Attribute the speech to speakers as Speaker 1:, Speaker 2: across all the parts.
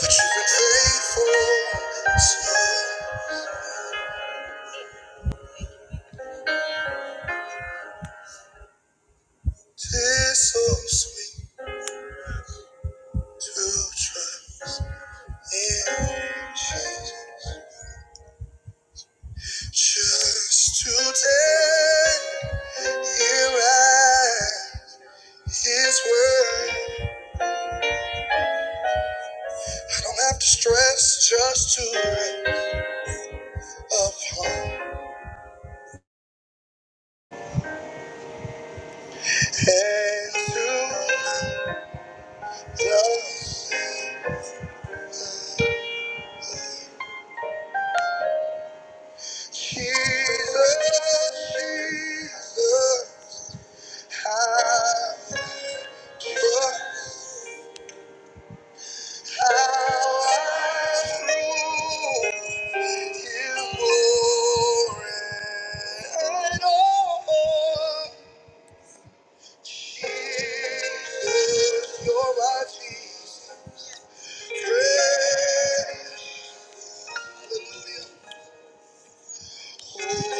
Speaker 1: But you've been faithful so this so sweet to trust in Jesus. Just today, here at His word, I don't have to stress just to wait upon and through love. Jesus, Jesus, I trust. Jesus, you're my Jesus. Hallelujah. Thank you.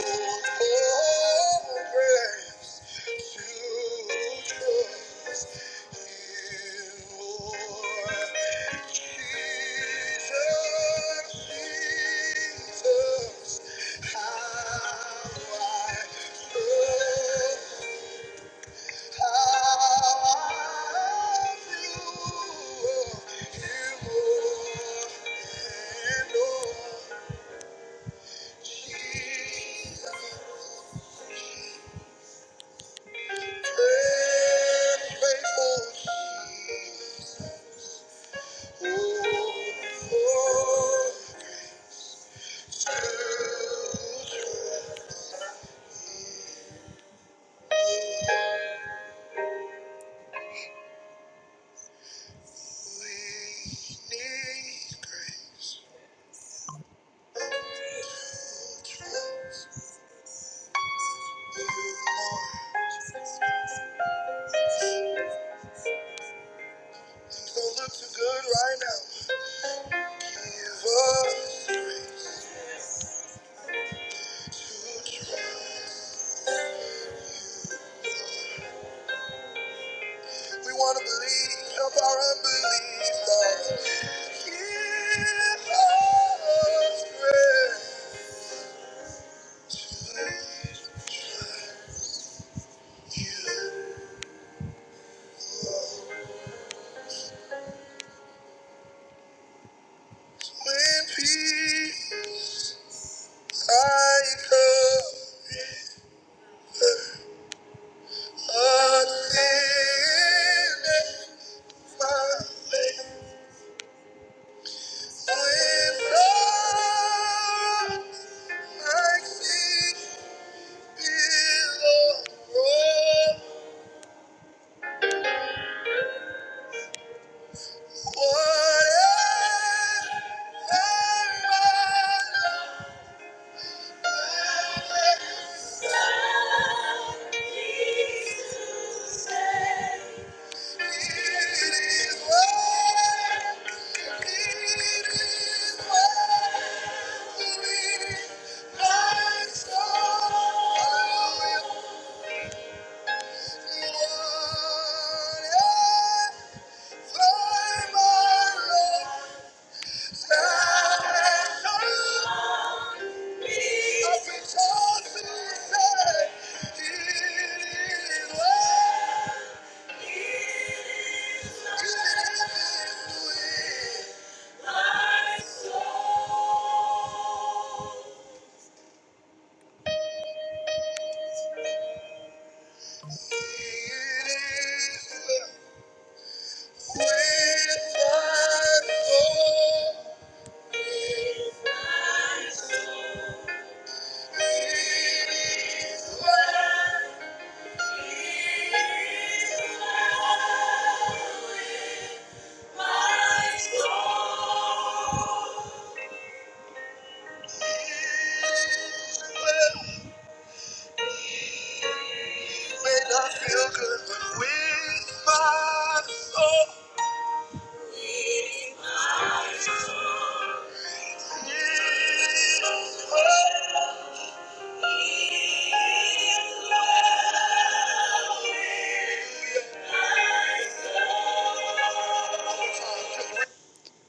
Speaker 1: We want to believe, help our unbelief, Lord. When peace I come again and find faith. When sorrow I see below. Oh, whatever my life Thank you. My soul. May not feel good with my soul. It's well.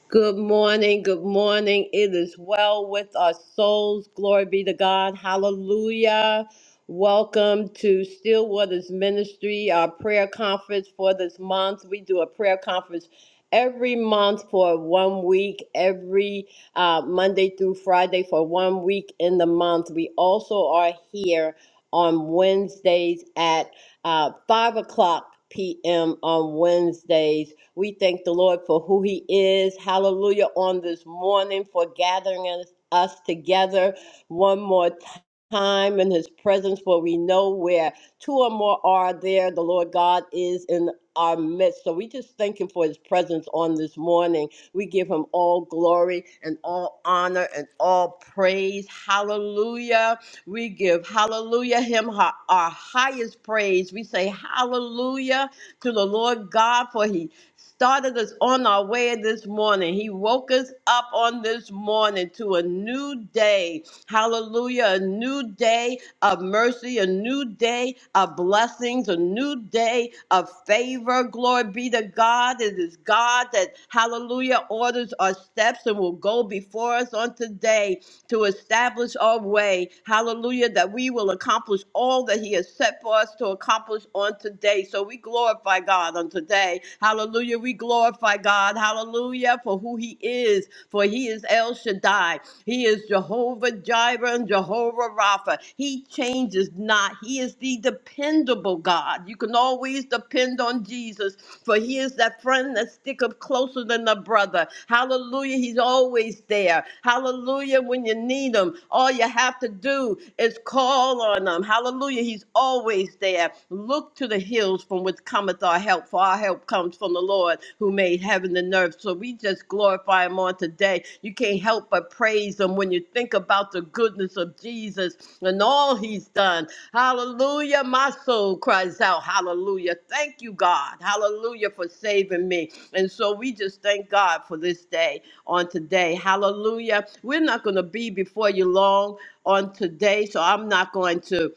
Speaker 1: Good morning, good morning. It is well with our souls. Glory be to God. Hallelujah. Welcome to Stillwater's Ministry, our prayer conference for this month. We do a prayer conference every month for one week, every uh, Monday through Friday for one week in the month. We also are here on Wednesdays at uh, 5 o'clock p.m. on Wednesdays we thank the Lord for who He is. Hallelujah. On this morning for gathering us, us together one more Time Time in his presence, for we know where two or more are there, the Lord God is in our midst. So we just thank him for his presence on this morning. We give him all glory and all honor and all praise. Hallelujah. We give hallelujah him our, our highest praise. We say hallelujah to the Lord God for he started us on our way this morning. He woke us up on this morning to a new day. Hallelujah. A new day of mercy, a new day of blessings, a new day of favor. Glory be to God. It is God that, hallelujah, orders our steps and will go before us on today to establish our way. Hallelujah. That we will accomplish all that He has set for us to accomplish on today. So we glorify God on today. Hallelujah. We glorify God. Hallelujah. For who He is. For He is El Shaddai. He is Jehovah Jireh and Jehovah Rapha. He changes not. He is the dependable dependable God. You can always depend on Jesus, for he is that friend that sticketh closer than a brother. Hallelujah. He's always there. Hallelujah. When you need him, all you have to do is call on him. Hallelujah. He's always there. Look to the hills from which cometh our help, for our help comes from the Lord who made heaven and earth deserve. So we just glorify him on today. You can't help but praise him when you think about the goodness of Jesus and all he's done. Hallelujah. My soul cries out, Hallelujah. Thank you, God. Hallelujah for saving me. And so we just thank God for this day on today. Hallelujah. We're not going to be before you long on today, so I'm not going to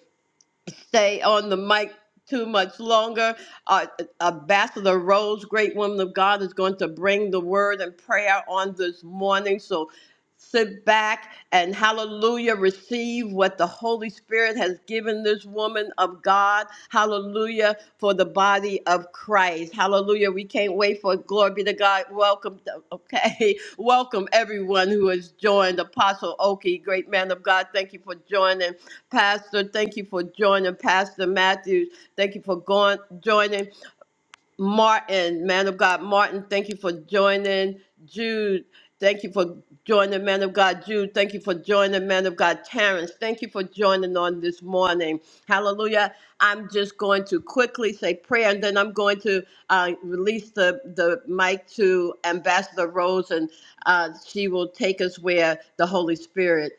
Speaker 1: stay on the mic too much longer. Uh, uh, Ambassador Rose, great woman of God, is going to bring the word and prayer on this morning. So sit back and hallelujah, receive what the Holy Spirit has given this woman of God. Hallelujah for the body of Christ. Hallelujah. We can't wait for it. glory be to God. Welcome, to- okay. Welcome everyone who has joined. Apostle Oki, great man of God. Thank you for joining. Pastor, thank you for joining. Pastor Matthews, thank you for going joining. Martin, man of God, Martin, thank you for joining. Jude, thank you for joining, man of God. Jude, thank you for joining, man of God. Terrence, thank you for joining on this morning. Hallelujah. I'm just going to quickly say prayer, and then I'm going to uh, release the, the mic to Ambassador Rose, and uh, she will take us where the Holy Spirit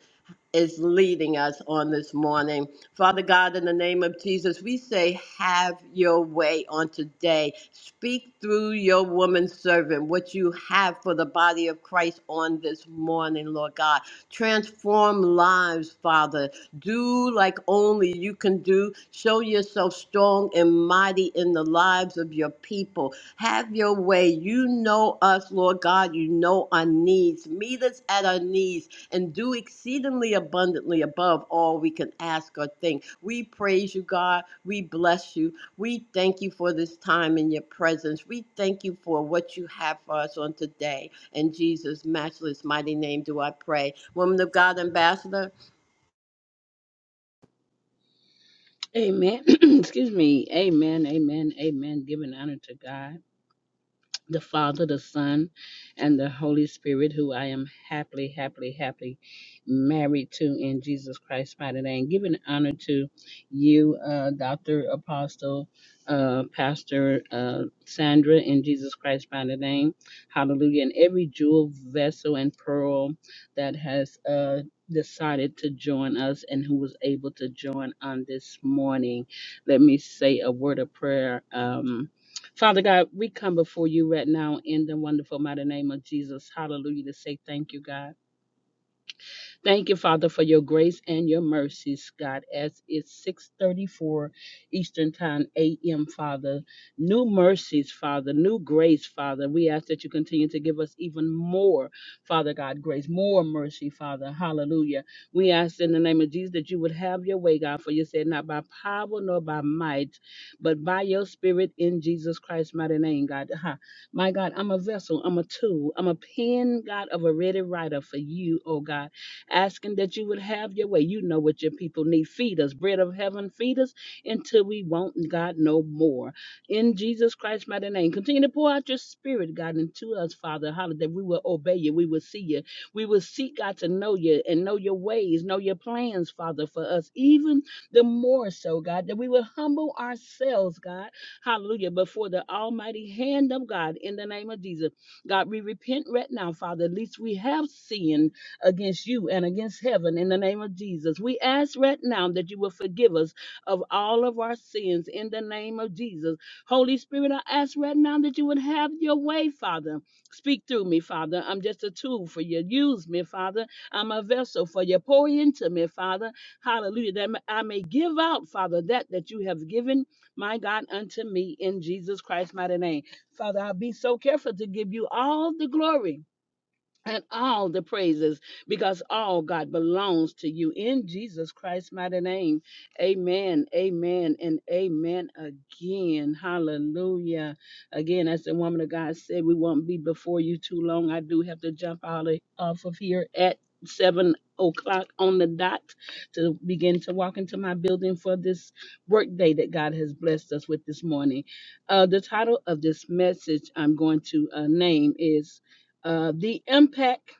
Speaker 1: is leading us on this morning. Father God, in the name of Jesus, we say, Have your way on today. Speak through your woman servant what you have for the body of Christ on this morning, Lord God. Transform lives, Father. Do like only you can do. Show yourself strong and mighty in the lives of your people. Have your way. You know us, Lord God. You know our needs. Meet us at our needs and do exceedingly abundantly above all we can ask or think. We praise you, God. We bless you. We thank you for this time in your presence. We thank you for what you have for us on today. In Jesus' matchless mighty name do I pray. Woman of God, Ambassador.
Speaker 2: Amen. Excuse me. Amen. Amen. Amen. Giving honor to God the Father, the Son, and the Holy Spirit, who I am happily, happily, happily married to in Jesus Christ's mighty name. Giving honor to you, uh, Dr. Apostle, uh, Pastor uh, Sandra, in Jesus Christ's mighty name. Hallelujah. And every jewel, vessel, and pearl that has uh, decided to join us and who was able to join on this morning. Let me say a word of prayer. Um, Father God, we come before you right now in the wonderful mighty name of Jesus. Hallelujah. To say thank you, God. Thank you, Father, for your grace and your mercies, God, as it's 634 Eastern Time, AM, Father. New mercies, Father, new grace, Father. We ask that you continue to give us even more, Father God, grace, more mercy, Father. Hallelujah. We ask in the name of Jesus that you would have your way, God, for you said not by power nor by might, but by your spirit in Jesus Christ's mighty name, God. Ha. My God, I'm a vessel, I'm a tool, I'm a pen, God, of a ready writer for you, oh God asking that you would have your way. You know what your people need. Feed us, bread of heaven, feed us until we won't, God, no more. In Jesus Christ's mighty name, continue to pour out your spirit, God, into us, Father, hallelujah, that we will obey you, we will see you, we will seek God to know you and know your ways, know your plans, Father, for us, even the more so, God, that we will humble ourselves, God, hallelujah, before the almighty hand of God in the name of Jesus. God, we repent right now, Father, at least we have sinned against you and against heaven in the name of Jesus. We ask right now that you will forgive us of all of our sins in the name of Jesus. Holy Spirit, I ask right now that you would have your way, Father. Speak through me, Father. I'm just a tool for you. Use me, Father. I'm a vessel for you. Pour into me, Father. Hallelujah. That I may give out, Father, that that you have given, my God, unto me in Jesus Christ mighty name. Father, I'll be so careful to give you all the glory and all the praises because all God belongs to you in Jesus Christ's mighty name. Amen, amen, and amen again. Hallelujah. Again, as the woman of God said, we won't be before you too long. I do have to jump out of, off of here at seven o'clock on the dot to begin to walk into my building for this work day that God has blessed us with this morning. Uh, the title of this message I'm going to uh, name is uh, the impact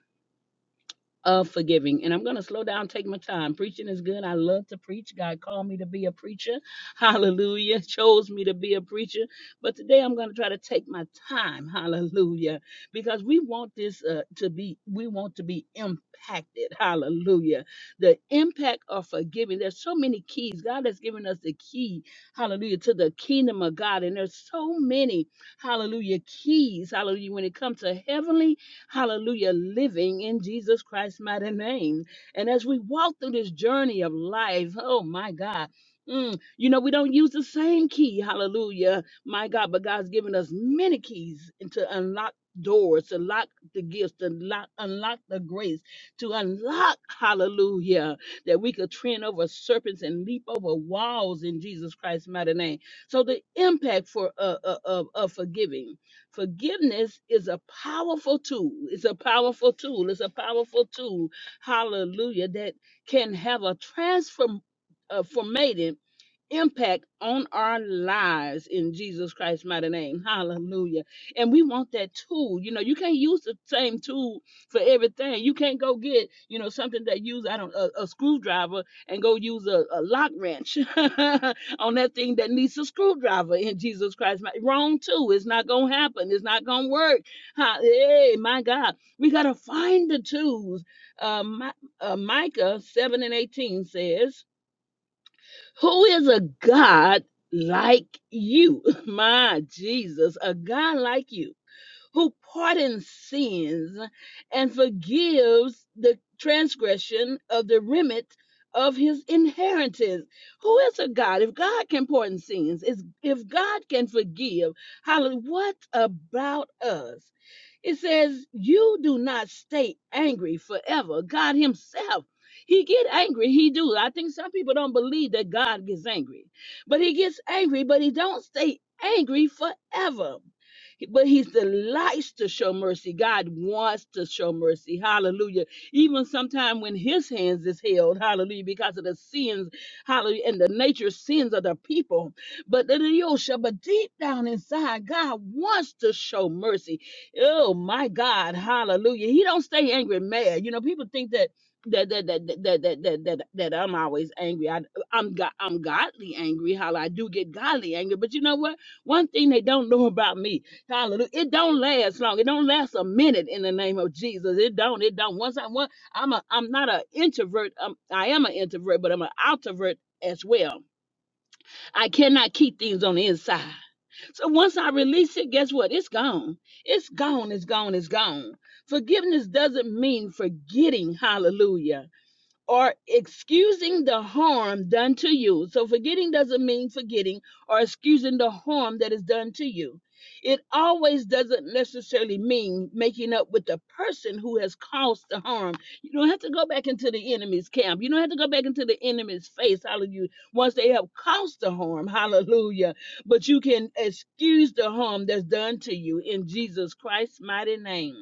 Speaker 2: of forgiving. And I'm going to slow down, take my time. Preaching is good. I love to preach. God called me to be a preacher. Hallelujah. Chose me to be a preacher. But today I'm going to try to take my time. Hallelujah. Because we want this uh, to be, we want to be impacted. Hallelujah. The impact of forgiving. There's so many keys. God has given us the key. Hallelujah. To the kingdom of God. And there's so many, hallelujah, keys. Hallelujah. When it comes to heavenly hallelujah, living in Jesus Christ's mighty name. And as we walk through this journey of life, oh my God. mm, you know, we don't use the same key, hallelujah, my God, but God's given us many keys to unlock doors, to lock the gifts, to lock, unlock the grace, to unlock, hallelujah, that we could trend over serpents and leap over walls in Jesus Christ's mighty name. So the impact for uh, uh, of, of forgiving. Forgiveness is a powerful tool. It's a powerful tool. It's a powerful tool. Hallelujah. That can have a transform, uh, formative impact on our lives in Jesus Christ's mighty name. Hallelujah. And we want that tool. You know, you can't use the same tool for everything. You can't go get, you know, something that use, I don't a, a screwdriver and go use a, a lock wrench on that thing that needs a screwdriver in Jesus Christ. Wrong too. It's not going to happen. It's not going to work. Hey, my God. We got to find the tools. Uh, Mi- uh, Micah 7 and 18 says, who is a God like you? My Jesus, a God like you who pardons sins and forgives the transgression of the remit of his inheritance. Who is a God? If God can pardon sins, is if God can forgive, hallelujah, what about us? It says, "You do not stay angry forever." God Himself, He get angry. He do. I think some people don't believe that God gets angry, but He gets angry, but He don't stay angry forever but he delights to show mercy. God wants to show mercy. Hallelujah. Even sometimes when his hands is held, hallelujah, because of the sins, hallelujah, and the nature sins of the people. But the Yosha, but deep down inside, God wants to show mercy. Oh my God, hallelujah. He don't stay angry and mad. You know, people think that that that that that that that, that, that I'm always angry. I, I'm go- I'm godly angry. How I do get godly angry, but you know what? One thing they don't know about me. Hallelujah. It don't last long. It don't last a minute in the name of Jesus. It don't. It don't. Once I one, I'm a I'm not an introvert. I'm, I am an introvert, but I'm an outrovert as well. I cannot keep things on the inside. So once I release it, guess what? It's gone. It's gone. It's gone. It's gone. Forgiveness doesn't mean forgetting. Hallelujah or excusing the harm done to you. So forgetting doesn't mean forgetting or excusing the harm that is done to you. It always doesn't necessarily mean making up with the person who has caused the harm. You don't have to go back into the enemy's camp. You don't have to go back into the enemy's face. Hallelujah. Once they have caused the harm. Hallelujah. But you can excuse the harm that's done to you in Jesus Christ's mighty name.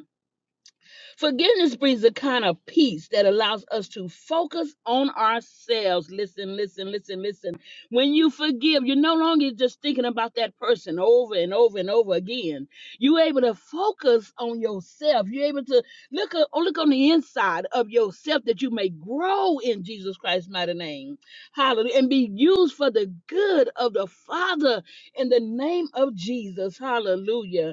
Speaker 2: Forgiveness brings a kind of peace that allows us to focus on ourselves. Listen, listen, listen, listen. When you forgive, you're no longer just thinking about that person over and over and over again. You're able to focus on yourself. You're able to look, a- look on the inside of yourself that you may grow in Jesus Christ's mighty name. Hallelujah. And be used for the good of the Father in the name of Jesus. Hallelujah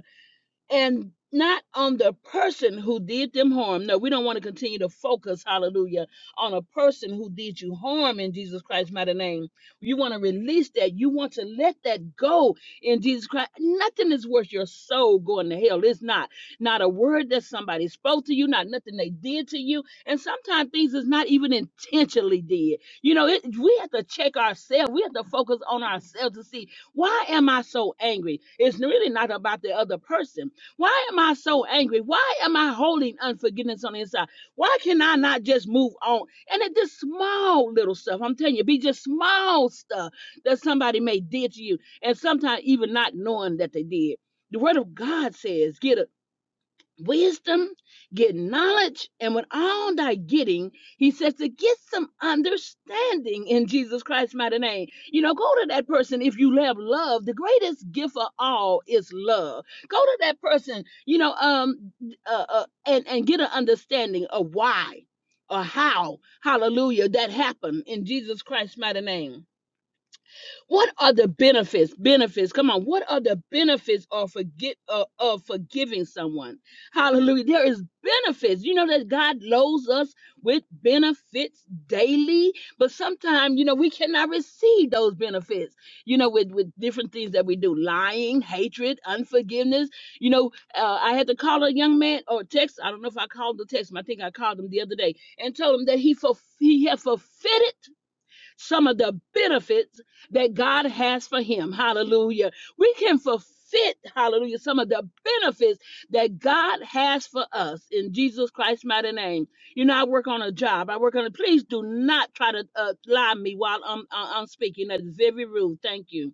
Speaker 2: and not on the person who did them harm. No, we don't want to continue to focus, hallelujah, on a person who did you harm in Jesus Christ's mighty name. You want to release that. You want to let that go in Jesus Christ. Nothing is worth your soul going to hell. It's not. Not a word that somebody spoke to you, not nothing they did to you. And sometimes things is not even intentionally did. You know, it, we have to check ourselves. We have to focus on ourselves to see why am I so angry? It's really not about the other person why am I so angry? Why am I holding unforgiveness on the inside? Why can I not just move on? And it just small little stuff. I'm telling you, be just small stuff that somebody may did to you, and sometimes even not knowing that they did. The word of God says, get a wisdom, get knowledge, and with all thy getting, he says to get some understanding in Jesus Christ's mighty name. You know, go to that person if you have love. The greatest gift of all is love. Go to that person, you know, um, uh, uh, and and get an understanding of why or how, hallelujah, that happened in Jesus Christ's mighty name what are the benefits? Benefits. Come on. What are the benefits of forget uh, of forgiving someone? Hallelujah. There is benefits. You know that God loads us with benefits daily, but sometimes you know we cannot receive those benefits. You know, with with different things that we do, lying, hatred, unforgiveness. You know, uh, I had to call a young man or text. I don't know if I called the text. him. I think I called him the other day and told him that he fulf- he had forfeited some of the benefits that God has for him. Hallelujah. We can forfeit, hallelujah, some of the benefits that God has for us in Jesus Christ's mighty name. You know, I work on a job. I work on a. Please do not try to uh, lie me while I'm, I- am i am speaking. That is very rude. Thank you.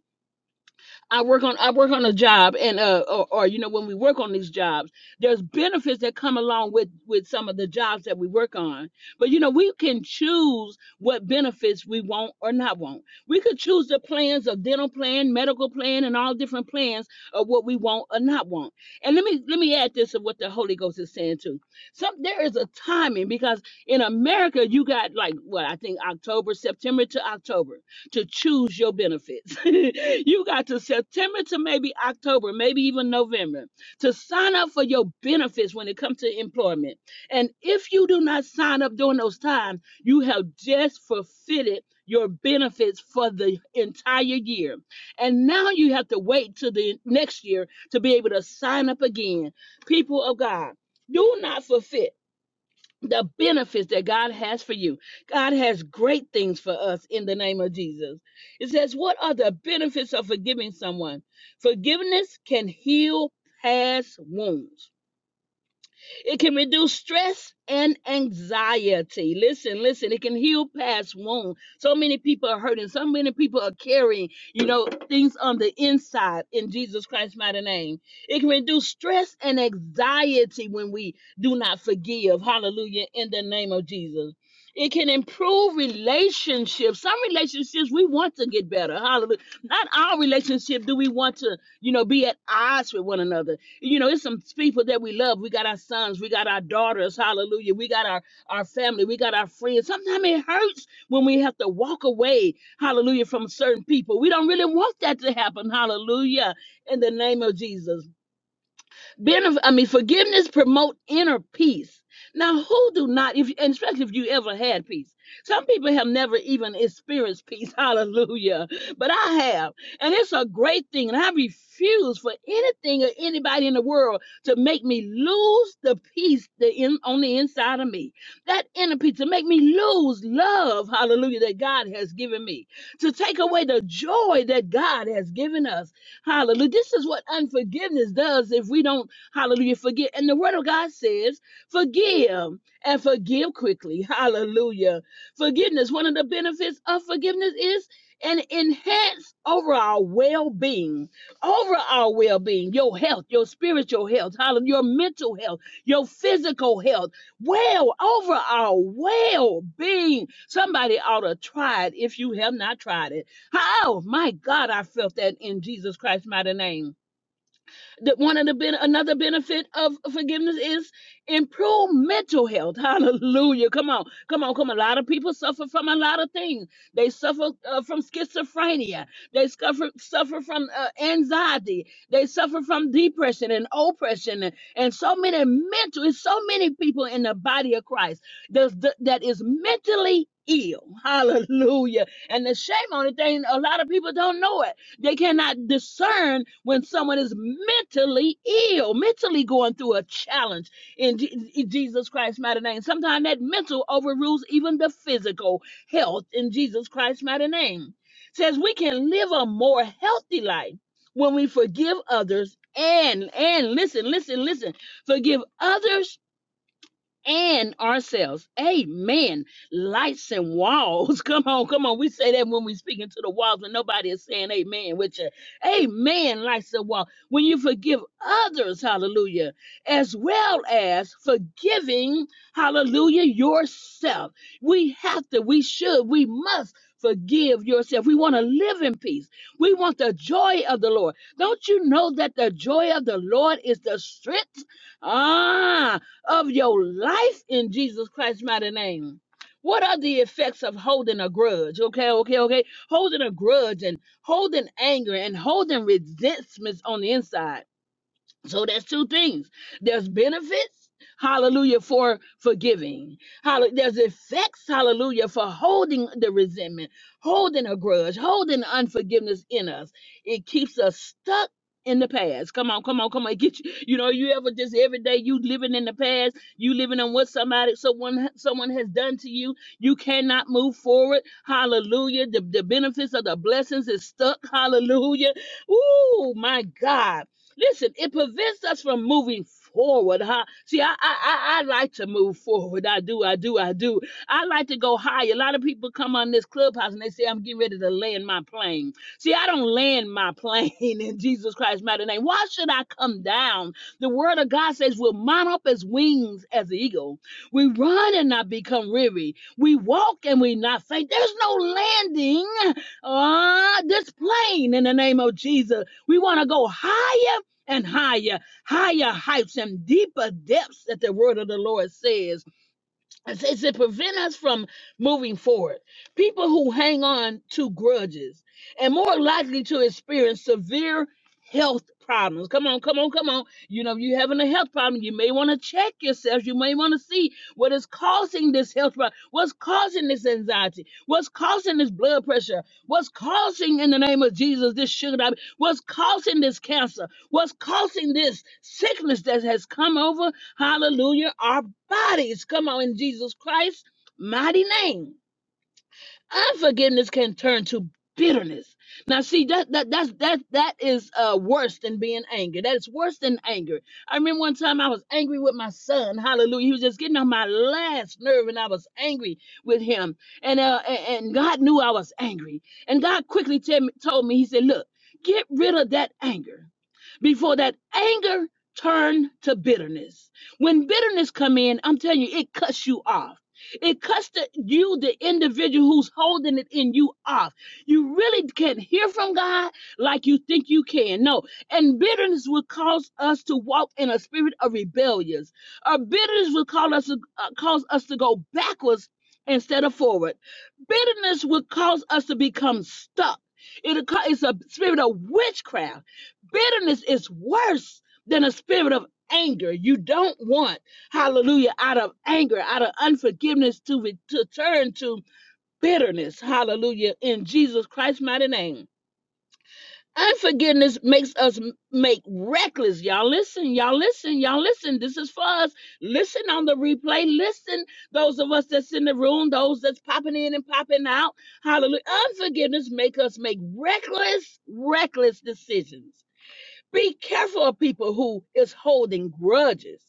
Speaker 2: I work on I work on a job and uh or, or you know when we work on these jobs, there's benefits that come along with with some of the jobs that we work on. But you know we can choose what benefits we want or not want. We could choose the plans of dental plan, medical plan, and all different plans of what we want or not want. And let me let me add this of what the Holy Ghost is saying too. Some there is a timing because in America you got like what I think October September to October to choose your benefits. you got to September to maybe October, maybe even November to sign up for your benefits when it comes to employment. And if you do not sign up during those times, you have just forfeited your benefits for the entire year. And now you have to wait till the next year to be able to sign up again. People of God, do not forfeit the benefits that God has for you. God has great things for us in the name of Jesus. It says, What are the benefits of forgiving someone? Forgiveness can heal past wounds. It can reduce stress and anxiety. Listen, listen, it can heal past wounds. So many people are hurting. So many people are carrying, you know, things on the inside in Jesus Christ's mighty name. It can reduce stress and anxiety when we do not forgive. Hallelujah. In the name of Jesus. It can improve relationships. Some relationships we want to get better. Hallelujah. Not all relationships do we want to, you know, be at odds with one another you know, it's some people that we love. We got our sons, we got our daughters, hallelujah. We got our, our family, we got our friends. Sometimes it hurts when we have to walk away, hallelujah, from certain people. We don't really want that to happen, hallelujah, in the name of Jesus. Benef- I mean, forgiveness promote inner peace. Now, who do not, if and especially if you ever had peace? Some people have never even experienced peace. Hallelujah. But I have. And it's a great thing. And I refuse for anything or anybody in the world to make me lose the peace that in, on the inside of me. That inner peace to make me lose love, hallelujah, that God has given me. To take away the joy that God has given us. Hallelujah. This is what unforgiveness does if we don't Hallelujah. Forget. And the word of God says, forgive and forgive quickly. Hallelujah. Forgiveness. One of the benefits of forgiveness is an enhance over our well-being. Over our well-being, your health, your spiritual health, your mental health, your physical health. Well, over our well-being. Somebody ought to try it if you have not tried it. Oh my God, I felt that in Jesus Christ's mighty name. The, one of the ben- another benefit of forgiveness is improved mental health. Hallelujah! Come on, come on, come on. A lot of people suffer from a lot of things. They suffer uh, from schizophrenia. They suffer suffer from uh, anxiety. They suffer from depression and oppression, and, and so many mental. It's so many people in the body of Christ that's- that that is mentally ill. Hallelujah! And the shame on the thing, a lot of people don't know it they cannot discern when someone is mentally ill, mentally going through a challenge in Je- Jesus Christ's mighty name. Sometimes that mental overrules even the physical health in Jesus Christ's mighty name. Says we can live a more healthy life when we forgive others and and listen, listen, listen, forgive others and ourselves. Amen. Lights and walls. Come on, come on. We say that when we speak into the walls, and nobody is saying amen with you. Amen. Lights and walls. When you forgive others, hallelujah, as well as forgiving, hallelujah, yourself. We have to, we should, we must. Forgive yourself. We want to live in peace. We want the joy of the Lord. Don't you know that the joy of the Lord is the strength? Ah, of your life in Jesus Christ's mighty name. What are the effects of holding a grudge? Okay, okay, okay. Holding a grudge and holding anger and holding resentments on the inside. So that's two things. There's benefits, hallelujah, for forgiving. Hall- There's effects, hallelujah, for holding the resentment, holding a grudge, holding unforgiveness in us. It keeps us stuck in the past. Come on, come on, come on. Get you, you know, you ever just every day you living in the past, you living on what somebody someone someone has done to you. You cannot move forward. Hallelujah. The, the benefits of the blessings is stuck. Hallelujah. Ooh, my God. Listen, it prevents us from moving forward, huh? See, I, I I I like to move forward. I do, I do, I do. I like to go higher. A lot of people come on this clubhouse and they say, I'm getting ready to land my plane. See, I don't land my plane in Jesus Christ's mighty name. Why should I come down? The word of God says we'll mount up as wings as the eagle. We run and not become weary. We walk and we not faint. There's no landing uh, this plane in the name of Jesus. We want to go higher and higher, higher heights and deeper depths that the word of the Lord says. It's, it's to prevent us from moving forward. People who hang on to grudges and more likely to experience severe health problems. Come on, come on, come on. You know, you having a health problem, you may want to check yourself. You may want to see what is causing this health problem. What's causing this anxiety? What's causing this blood pressure? What's causing, in the name of Jesus, this sugar diabetes? What's causing this cancer? What's causing this sickness that has come over? Hallelujah bodies. Come on, in Jesus Christ, mighty name. Unforgiveness can turn to bitterness. Now, see that that that's that that is uh, worse than being angry. That is worse than anger. I remember one time I was angry with my son. Hallelujah! He was just getting on my last nerve, and I was angry with him. And uh, a- and, God knew I was angry. And God quickly tell me, told me, He said, "Look, get rid of that anger." before that anger turn to bitterness. When bitterness come in, I'm telling you, it cuts you off. It cuts the, you, the individual who's holding it in you off. You really can't hear from God like you think you can. No. And bitterness will cause us to walk in a spirit of rebellions. Our bitterness will cause us to, uh, cause us to go backwards instead of forward. Bitterness will cause us to become stuck. it it's a spirit of witchcraft. Bitterness is worse than a spirit of anger. You don't want hallelujah, out of anger, out of unforgiveness to, re- to turn to bitterness, hallelujah, in Jesus Christ's mighty name. Unforgiveness makes us m- make reckless. Y'all listen, y'all listen, y'all listen. This is for us. Listen on the replay. Listen, those of us that's in the room, those that's popping in and popping out. Hallelujah. Unforgiveness make us make reckless, reckless decisions be careful of people who is holding grudges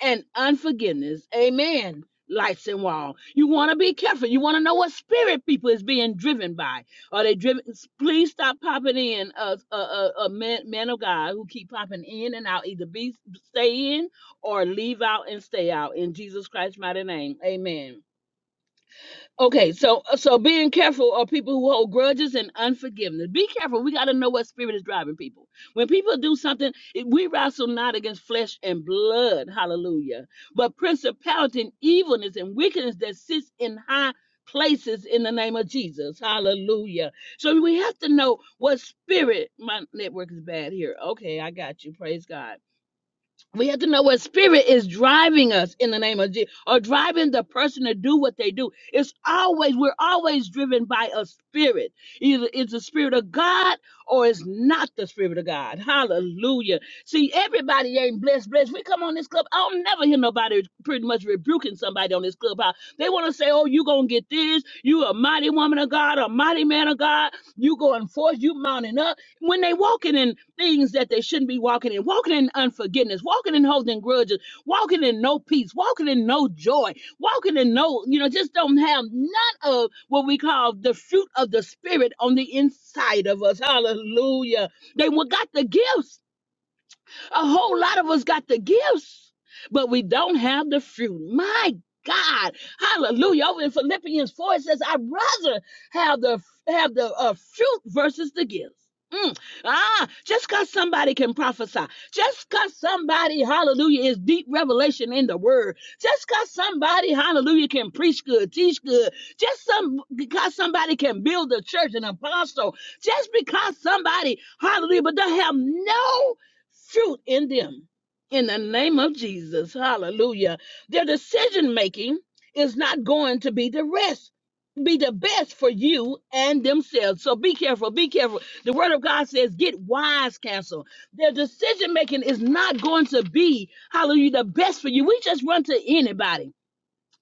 Speaker 2: and unforgiveness. Amen. Lights and wall. You want to be careful. You want to know what spirit people is being driven by. Are they driven? Please stop popping in, uh, uh, uh, uh men, men of God who keep popping in and out. Either be stay in or leave out and stay out. In Jesus Christ's mighty name, Amen. Okay, so uh, so being careful are people who hold grudges and unforgiveness. Be careful. We got to know what spirit is driving people. When people do something, it- we wrestle not against flesh and blood, hallelujah, but principality and evilness and wickedness that sits in high places in the name of Jesus, hallelujah. So we have to know what spirit. My network is bad here. Okay, I got you. Praise God we have to know what spirit is driving us in the name of Jesus or driving the person to do what they do. It's always, we're always driven by a spirit. Either it's the spirit of God or it's not the spirit of God. Hallelujah. See, everybody ain't blessed, blessed. We come on this club. I don't never hear nobody pretty much rebuking somebody on this clubhouse. They want to say, oh, you going to get this. You a mighty woman of God, a mighty man of God. You going forth, you mounting up when they walking in things that they shouldn't be walking in, walking in unforgiveness, walking in holding grudges, walking in no peace, walking in no joy, walking in no, you know, just don't have none of what we call the fruit of the spirit on the inside of us. Hallelujah. They wa- got the gifts a whole lot of us got the gifts, but we don't have the fruit. My God, Hallelujah! Over in Philippians four, it says, "I'd rather have the have the uh, fruit versus the gifts." Mm. Ah, just because somebody can prophesy, just because somebody, hallelujah, is deep revelation in the word, just because somebody, hallelujah, can preach good, teach good, just some because somebody can build a church, an apostle, just because somebody, hallelujah, but they have no fruit in them in the name of Jesus. Hallelujah. Their decision making is not going to be the rest. Be the best for you and themselves. So be careful. Be careful. The word of God says, get wise, counsel. Their decision making is not going to be, hallelujah, the best for you. We just run to anybody.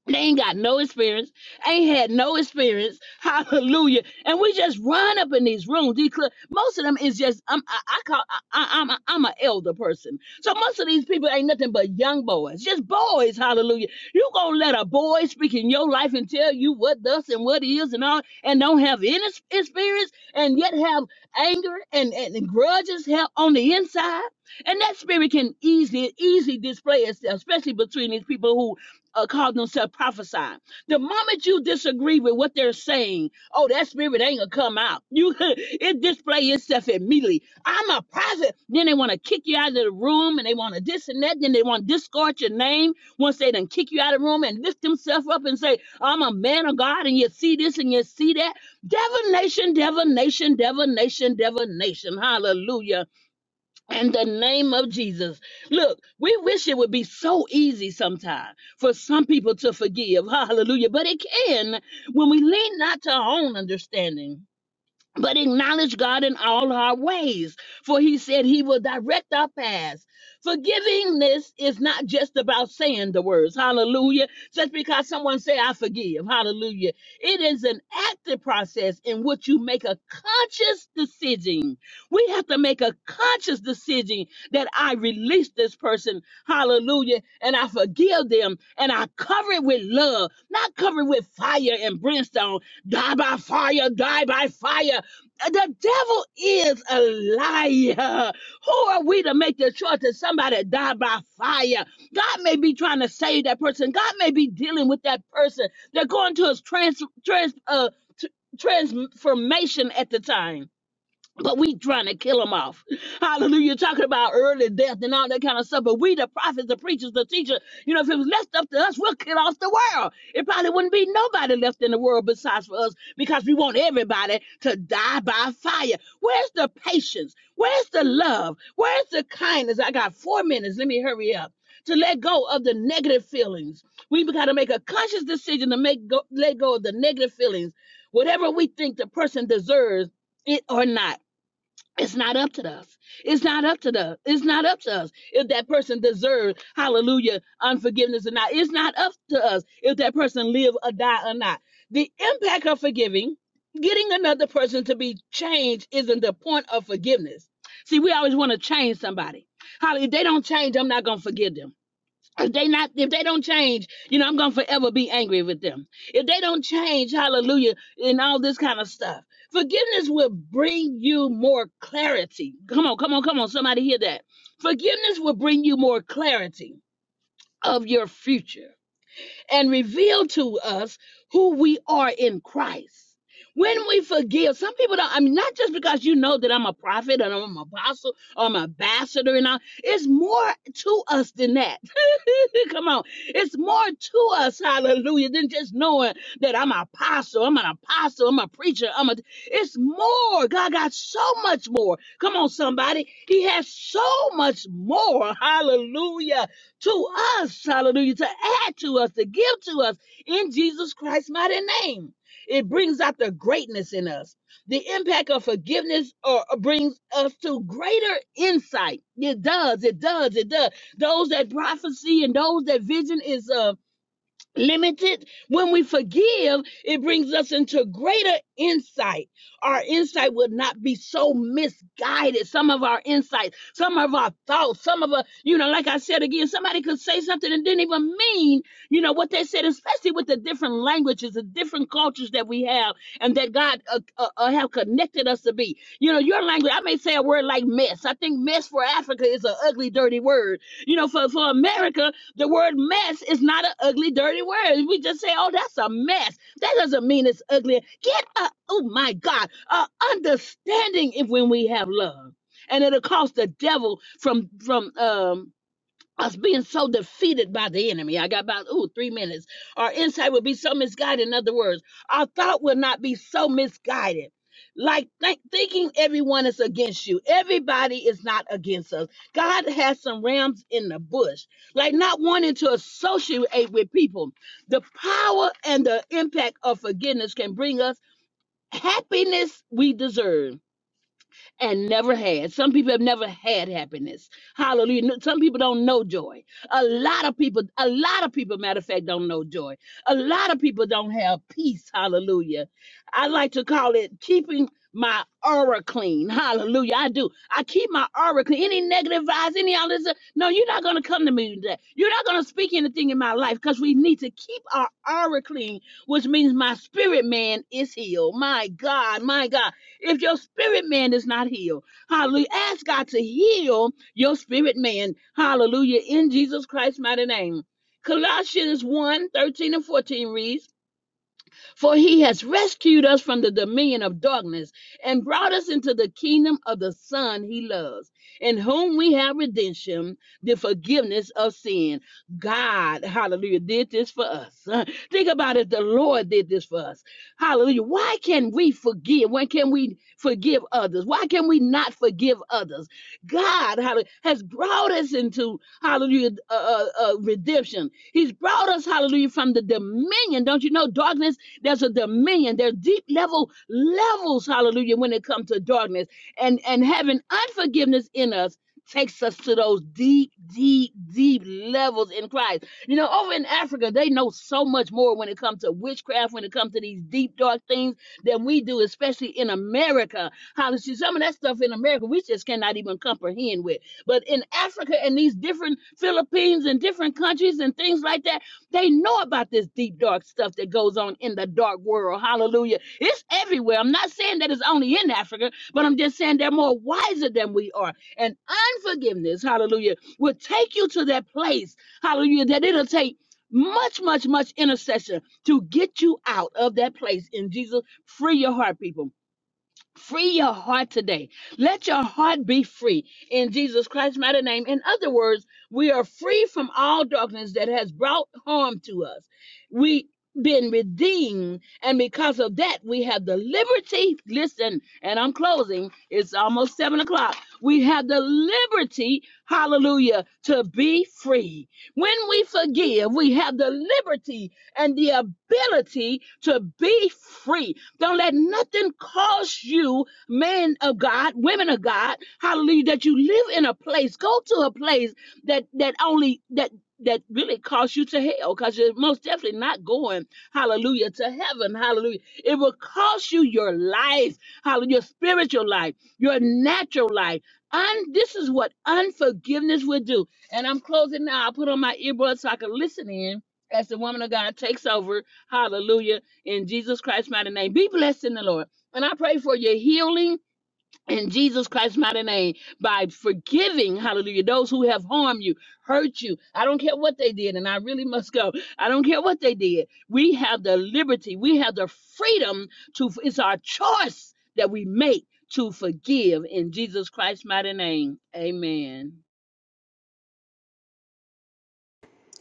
Speaker 2: They ain't got no experience, ain't had no experience. Hallelujah. And we just run up in these rooms. These cl- most of them is just I'm, I, I call I, I- I'm a, I'm an elder person. So most of these people ain't nothing but young boys, just boys. Hallelujah. You gonna let a boy speak in your life and tell you what thus and what is and all, and don't have any s- experience, and yet have anger and and, and grudges have on the inside. And that spirit can easily easily display itself, especially between these people uh, call themselves prophesying. The moment you disagree with what they're saying, oh, that spirit ain't gonna come out. You it display itself immediately. I'm a prophet. Then they want to kick you out of the room and they want to this and that. Then they want to discard your name once they done kick you out of the room and lift themselves up and say, I'm a man of God, and you see this and you see that. Divination, divination, divination, divination. Hallelujah in the name of Jesus. Look, we wish it would be so easy sometimes for some people to forgive. Hallelujah. But it can when we lean not to our own understanding but acknowledge God in all our ways, for he said he will direct our paths. Forgivingness is not just about saying the words, hallelujah, just because someone say I forgive, hallelujah. It is an active process in which you make a conscious decision. We have to make a conscious decision that I release this person, hallelujah, and I forgive them and I cover it with love, not cover it with fire and brimstone, die by fire, die by fire. The devil is a liar. Who are we to make the choice that somebody died by fire? God may be trying to save that person. God may be dealing with that person. They're going to his trans, trans, uh, t- transformation at the time. But we trying to kill them off. Hallelujah. Talking about early death and all that kind of stuff. But we, the prophets, the preachers, the teachers, you know, if it was left up to us, we'll kill off the world. It probably wouldn't be nobody left in the world besides for us because we want everybody to die by fire. Where's the patience? Where's the love? Where's the kindness? I got four minutes. Let me hurry up. To let go of the negative feelings. We've got to make a conscious decision to make go, let go of the negative feelings. Whatever we think the person deserves, it or not. It's not up to us. It's not up to the. It's not up to us if that person deserves hallelujah unforgiveness or not. It's not up to us if that person live or die or not. The impact of forgiving, getting another person to be changed, isn't the point of forgiveness. See, we always want to change somebody. Holly, if they don't change, I'm not gonna forgive them if they not if they don't change you know i'm gonna forever be angry with them if they don't change hallelujah and all this kind of stuff forgiveness will bring you more clarity come on come on come on somebody hear that forgiveness will bring you more clarity of your future and reveal to us who we are in Christ. When we forgive, some people don't, I mean, not just because you know that I'm a prophet and I'm an apostle or I'm an ambassador and all, it's more to us than that. Come on. It's more to us, hallelujah, than just knowing that I'm an apostle, I'm an apostle, I'm a preacher, I'm a, it's more. God got so much more. Come on, somebody. He has so much more, hallelujah to us, hallelujah, to add to us, to give to us in Jesus Christ's mighty name. It brings out the greatness in us. The impact of forgiveness or brings us to greater insight. It does, it does, it does. Those that prophecy and those that vision is um limited. When we forgive, it brings us into greater insight. Our insight would not be so misguided. Some of our insights, some of our thoughts, some of our, you know, like I said again, somebody could say something and didn't even mean, you know, what they said, especially with the different languages, the different cultures that we have and that God uh, uh, uh, have connected us to be. You know, your language, I may say a word like mess. I think mess for Africa is an ugly, dirty word. You know, for, for America, the word mess is not an ugly, dirty word. We just say, oh, that's a mess. That doesn't mean it's ugly. Get a, oh my God, a understanding if when we have love. And it'll cost the devil from from um us being so defeated by the enemy. I got about ooh three minutes. Our insight will be so misguided. In other words, our thought will not be so misguided. Like think thinking everyone is against you. Everybody is not against us. God has some rams in the bush. Like not wanting to associate with people. The power and the impact of forgiveness can bring us happiness we deserve and never had. Some people have never had happiness. Hallelujah. No- Some people don't know joy. A lot of people, a lot of people, matter of fact, don't know joy. A lot of people don't have peace. Hallelujah. I like to call it keeping my aura clean. Hallelujah. I do. I keep my aura clean. Any negative vibes, any all this. uh, No, you're not going to come to me today. You're not going to speak anything in my life because we need to keep our aura clean, which means my spirit man is healed. My God, my God. If your spirit man is not healed, hallelujah. Ask God to heal your spirit man, hallelujah, in Jesus Christ's mighty name. Colossians one 13 and 14 reads, for he has rescued us from the dominion of darkness and brought us into the kingdom of the Son he loves, in whom we have redemption, the forgiveness of sin. God, hallelujah, did this for us. Think about it. The Lord did this for us. Hallelujah. Why can we forgive? When can we forgive others? Why can we not forgive others? God hallelujah, has brought us into hallelujah uh, uh, uh, redemption. He's brought us hallelujah from the dominion. Don't you know darkness? There's a dominion. There's deep level levels hallelujah when it comes to darkness and and having unforgiveness in us takes us to those deep deep deep levels in christ you know over in africa they know so much more when it comes to witchcraft when it comes to these deep dark things than we do especially in america Hallelujah. See, Some of that stuff in America we just cannot even comprehend with. But in Africa and these different Philippines and different countries and things like that, they know about this deep dark stuff that goes on in the dark world. Hallelujah. It's everywhere. I'm not saying that it's only in Africa, but I'm just saying they're more wiser than we are. And unforgiveness, hallelujah, will take you to that place, hallelujah, that it'll take much, much, much intercession to get you out of that place in Jesus. Free your heart, people Free your heart today. Let your heart be free in Jesus Christ's mighty name. In other words, we are free from all darkness that has brought harm to us. We been redeemed, and because of that, we have the liberty. Listen, and I'm closing. It's almost seven o'clock. We have the liberty, hallelujah, to be free. When we forgive, we have the liberty and the ability to be free don't let nothing cause you, men of God, women of God, hallelujah, that you live in a place, go to a place that that only that that really costs you to hell because you're most definitely not going, hallelujah, to heaven, hallelujah. It will cost you your life, hallelujah, your spiritual life, your natural life. And this is what unforgiveness will do. And I'm closing now. I put on my earbuds so I can listen in as the woman of God takes over. Hallelujah in Jesus Christ's mighty name. Be blessed in the Lord. And I pray for your healing in Jesus Christ's mighty name by forgiving, hallelujah, those who have harmed you, hurt you. I don't care what they did, and I really must go. I don't care what they did. We have the liberty, we have the freedom to, it's our choice that we make to forgive in Jesus Christ's mighty name. Amen.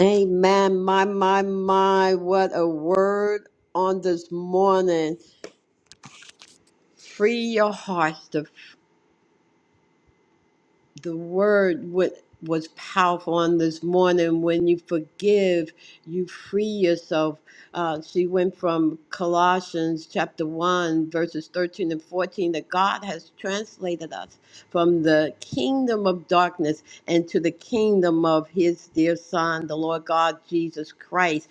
Speaker 1: Amen. My, my, my. What a word on this morning. Free your hearts. The, the word wa- was powerful on this morning. When you forgive, you free yourself. Uh, she went from Colossians chapter 1, verses 13 and 14, that God has translated us from the kingdom of darkness into the kingdom of his dear son, the Lord God Jesus Christ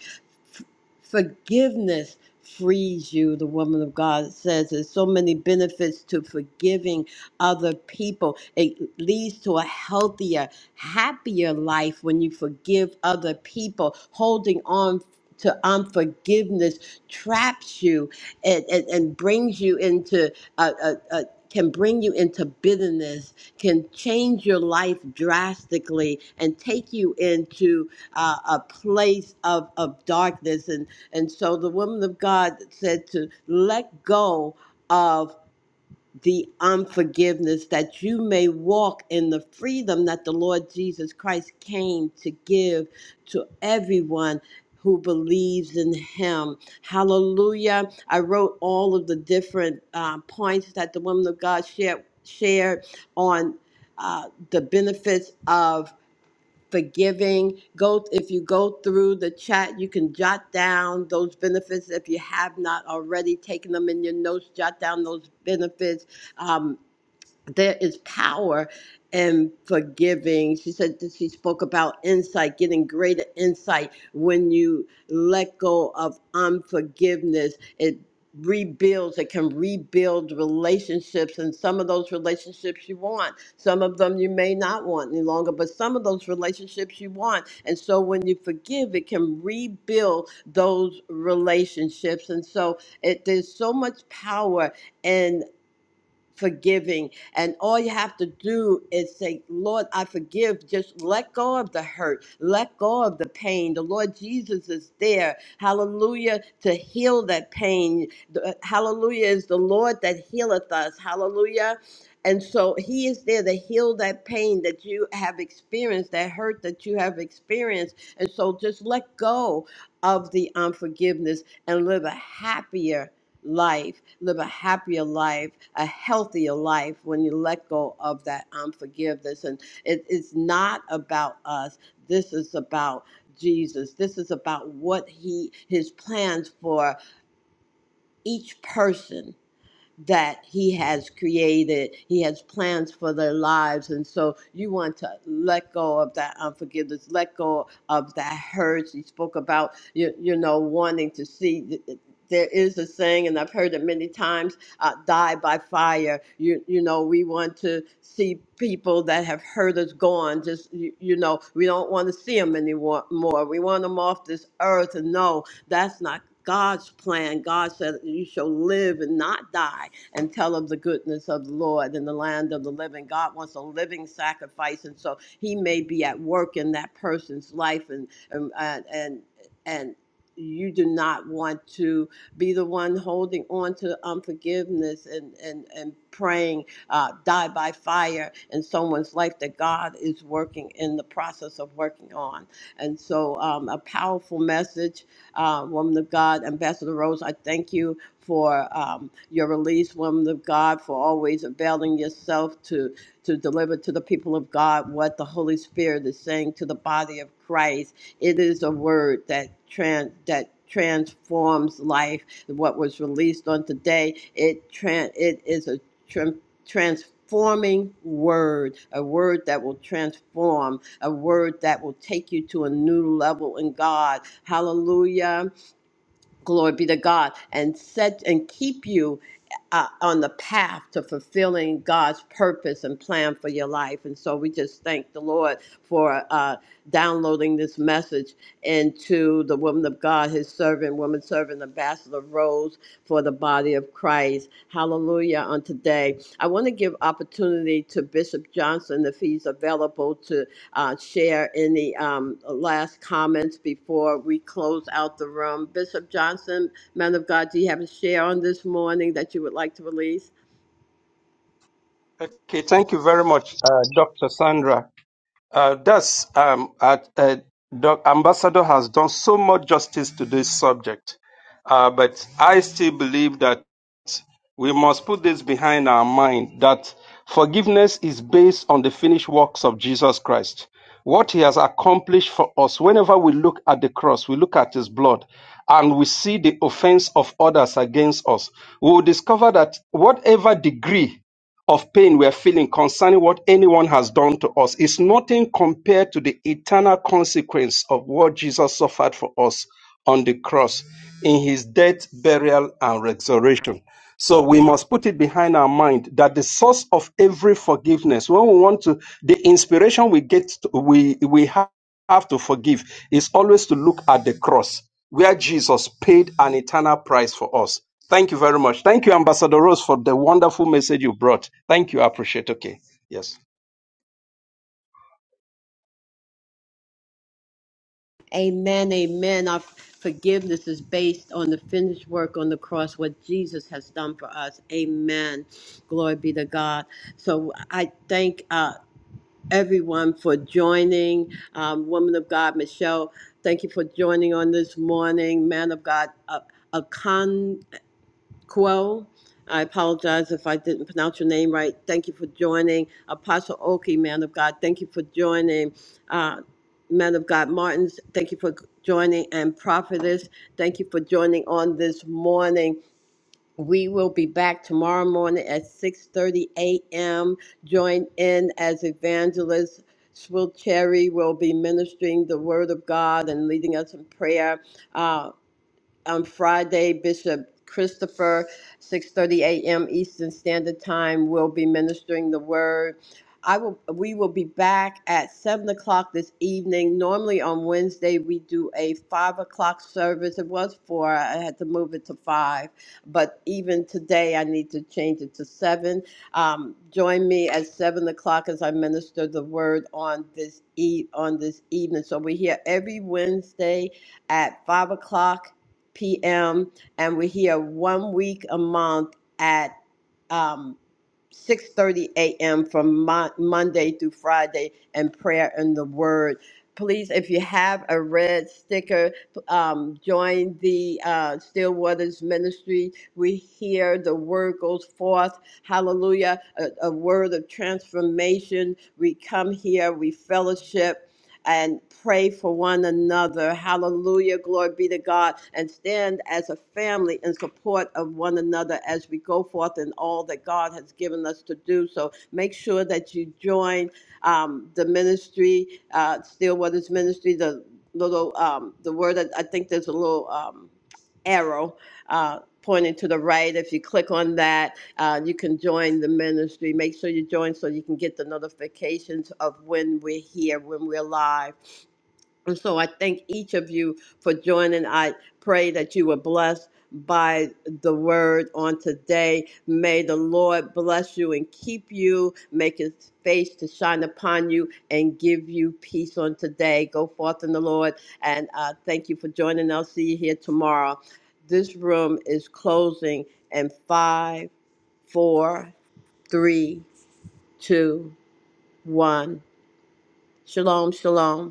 Speaker 1: Forgiveness frees you, the woman of God says. There's so many benefits to forgiving other people. It leads to a healthier, happier life when you forgive other people. Holding on to unforgiveness traps you and, and, and brings you into a can bring you into bitterness, can change your life drastically, and take you into uh, a place of, of darkness. And, and so the woman of God said to let go of the unforgiveness, that you may walk in the freedom that the Lord Jesus Christ came to give to everyone who believes in him. Hallelujah. I wrote all of the different uh, points that the woman of God shared, shared on uh, the benefits of forgiving. Go if you go through the chat, you can jot down those benefits if you have not already taken them in your notes. Jot down those benefits. Um, there is power in forgiving. She said that she spoke about insight, getting greater insight when you let go of unforgiveness. It rebuilds, it can rebuild relationships, and some of those relationships you want, some of them you may not want any longer, but some of those relationships you want. And so when you forgive, it can rebuild those relationships. And so it, there's so much power in forgiving. And all you have to do is say, Lord, I forgive. Just let go of the hurt, let go of the pain. The Lord Jesus is there. Hallelujah, to heal that pain. The- Hallelujah is the Lord that healeth us. Hallelujah. And so he is there to heal that pain that you have experienced, that hurt that you have experienced. And so just let go of the unforgiveness and live a happier life, live a happier life, a healthier life when you let go of that unforgiveness. And it, it's not about us. This is about Jesus. This is about what he his plans for each person that he has created. He has plans for their lives. And so you want to let go of that unforgiveness, let go of that hurt. He spoke about, you, you know, wanting to see. There is a saying, and I've heard it many times uh, die by fire. You, you know, we want to see people that have hurt us gone. Just, you, you know, we don't want to see them anymore. More. We want them off this earth. And no, that's not God's plan. God said you shall live and not die and tell of the goodness of the Lord in the land of the living. God wants a living sacrifice, and so He may be at work in that person's life, and and and. and and you do not want to be the one holding on to unforgiveness and, and, and praying, uh, die by fire in someone's life that God is working in the process of working on. And so, um, a powerful message, uh, woman of God, Ambassador Rose, I thank you for um, your release, woman of God, for always availing yourself to, to deliver to the people of God what the Holy Spirit is saying to the body of Christ. It is a word that trans that transforms life. What was released on today, it tran it is a tran- transforming word, a word that will transform, a word that will take you to a new level in God. Hallelujah glory be to God, and set and keep you uh, on the path to fulfilling God's purpose and plan for your life. And so we just thank the Lord for uh, downloading this message into the woman of God, his servant, woman servant, ambassador Rose for the body of Christ. Hallelujah on today. I want to give opportunity to Bishop Johnson if he's available to uh, share any um, last comments before we close out the room. Bishop Johnson, man of God, do you have a share on this morning that you would like to release?
Speaker 3: Okay, thank you very much, uh, Dr. Sandra. Uh, thus, um, uh, uh, Doc Ambassador has done so much justice to this subject, uh, but I still believe that we must put this behind our mind that forgiveness is based on the finished works of Jesus Christ. What he has accomplished for us, whenever we look at the cross, we look at his blood and we see the offense of others against us, we will discover that whatever degree of pain we're feeling concerning what anyone has done to us is nothing compared to the eternal consequence of what Jesus suffered for us on the cross in his death, burial, and resurrection. So we must put it behind our mind that the source of every forgiveness, when we want to, the inspiration we get, we, we have have to forgive is always to look at the cross where Jesus paid an eternal price for us. Thank you very much. Thank you, Ambassador Rose, for the wonderful message you brought. Thank you. I appreciate. Okay. Yes.
Speaker 1: Amen, amen. Our forgiveness is based on the finished work on the cross, what Jesus has done for us. Amen. Glory be to God. So I thank uh, everyone for joining. Um, Woman of God, Michelle, thank you for joining on this morning. Man of God, uh, Akan. Quo. I apologize if I didn't pronounce your name right. Thank you for joining. Apostle Oki, man of God, thank you for joining. Uh, man of God Martins, thank you for joining. And Prophetess, thank you for joining on this morning. We will be back tomorrow morning at 6.30 a.m. Join in as evangelist. Swill Cherry will be ministering the word of God and leading us in prayer. Uh, on Friday, Bishop Christopher, 6:30 a.m. Eastern Standard Time, will be ministering the word. I will. We will be back at seven o'clock this evening. Normally on Wednesday we do a five o'clock service. It was four. I had to move it to five, but even today I need to change it to seven. Um, join me at seven o'clock as I minister the word on this e- on this evening. So we're here every Wednesday at five o'clock p.m. and we're here one week a month at um, 6:30 a.m. from Mon- Monday through Friday and prayer and the word. Please, if you have a red sticker, um, join the uh, Stillwaters Ministry. We hear the word goes forth. Hallelujah. A, a word of transformation. We come here, we fellowship, and pray for one another. Hallelujah. Glory be to God. And stand as a family in support of one another as we go forth in all that God has given us to do. So make sure that you join um, the ministry, uh, Stillwater's ministry, the little, um, the word, that I think there's a little um, arrow uh, pointing to the right. If you click on that, uh, you can join the ministry. Make sure you join so you can get the notifications of when we're here, when we're live. And so I thank each of you for joining. I pray that you were blessed by the word on today. May the Lord bless you and keep you, make his face to shine upon you, and give you peace on today. Go forth in the Lord. And uh, thank you for joining. I'll see you here tomorrow. This room is closing in five, four, Three, two, one. Shalom, shalom.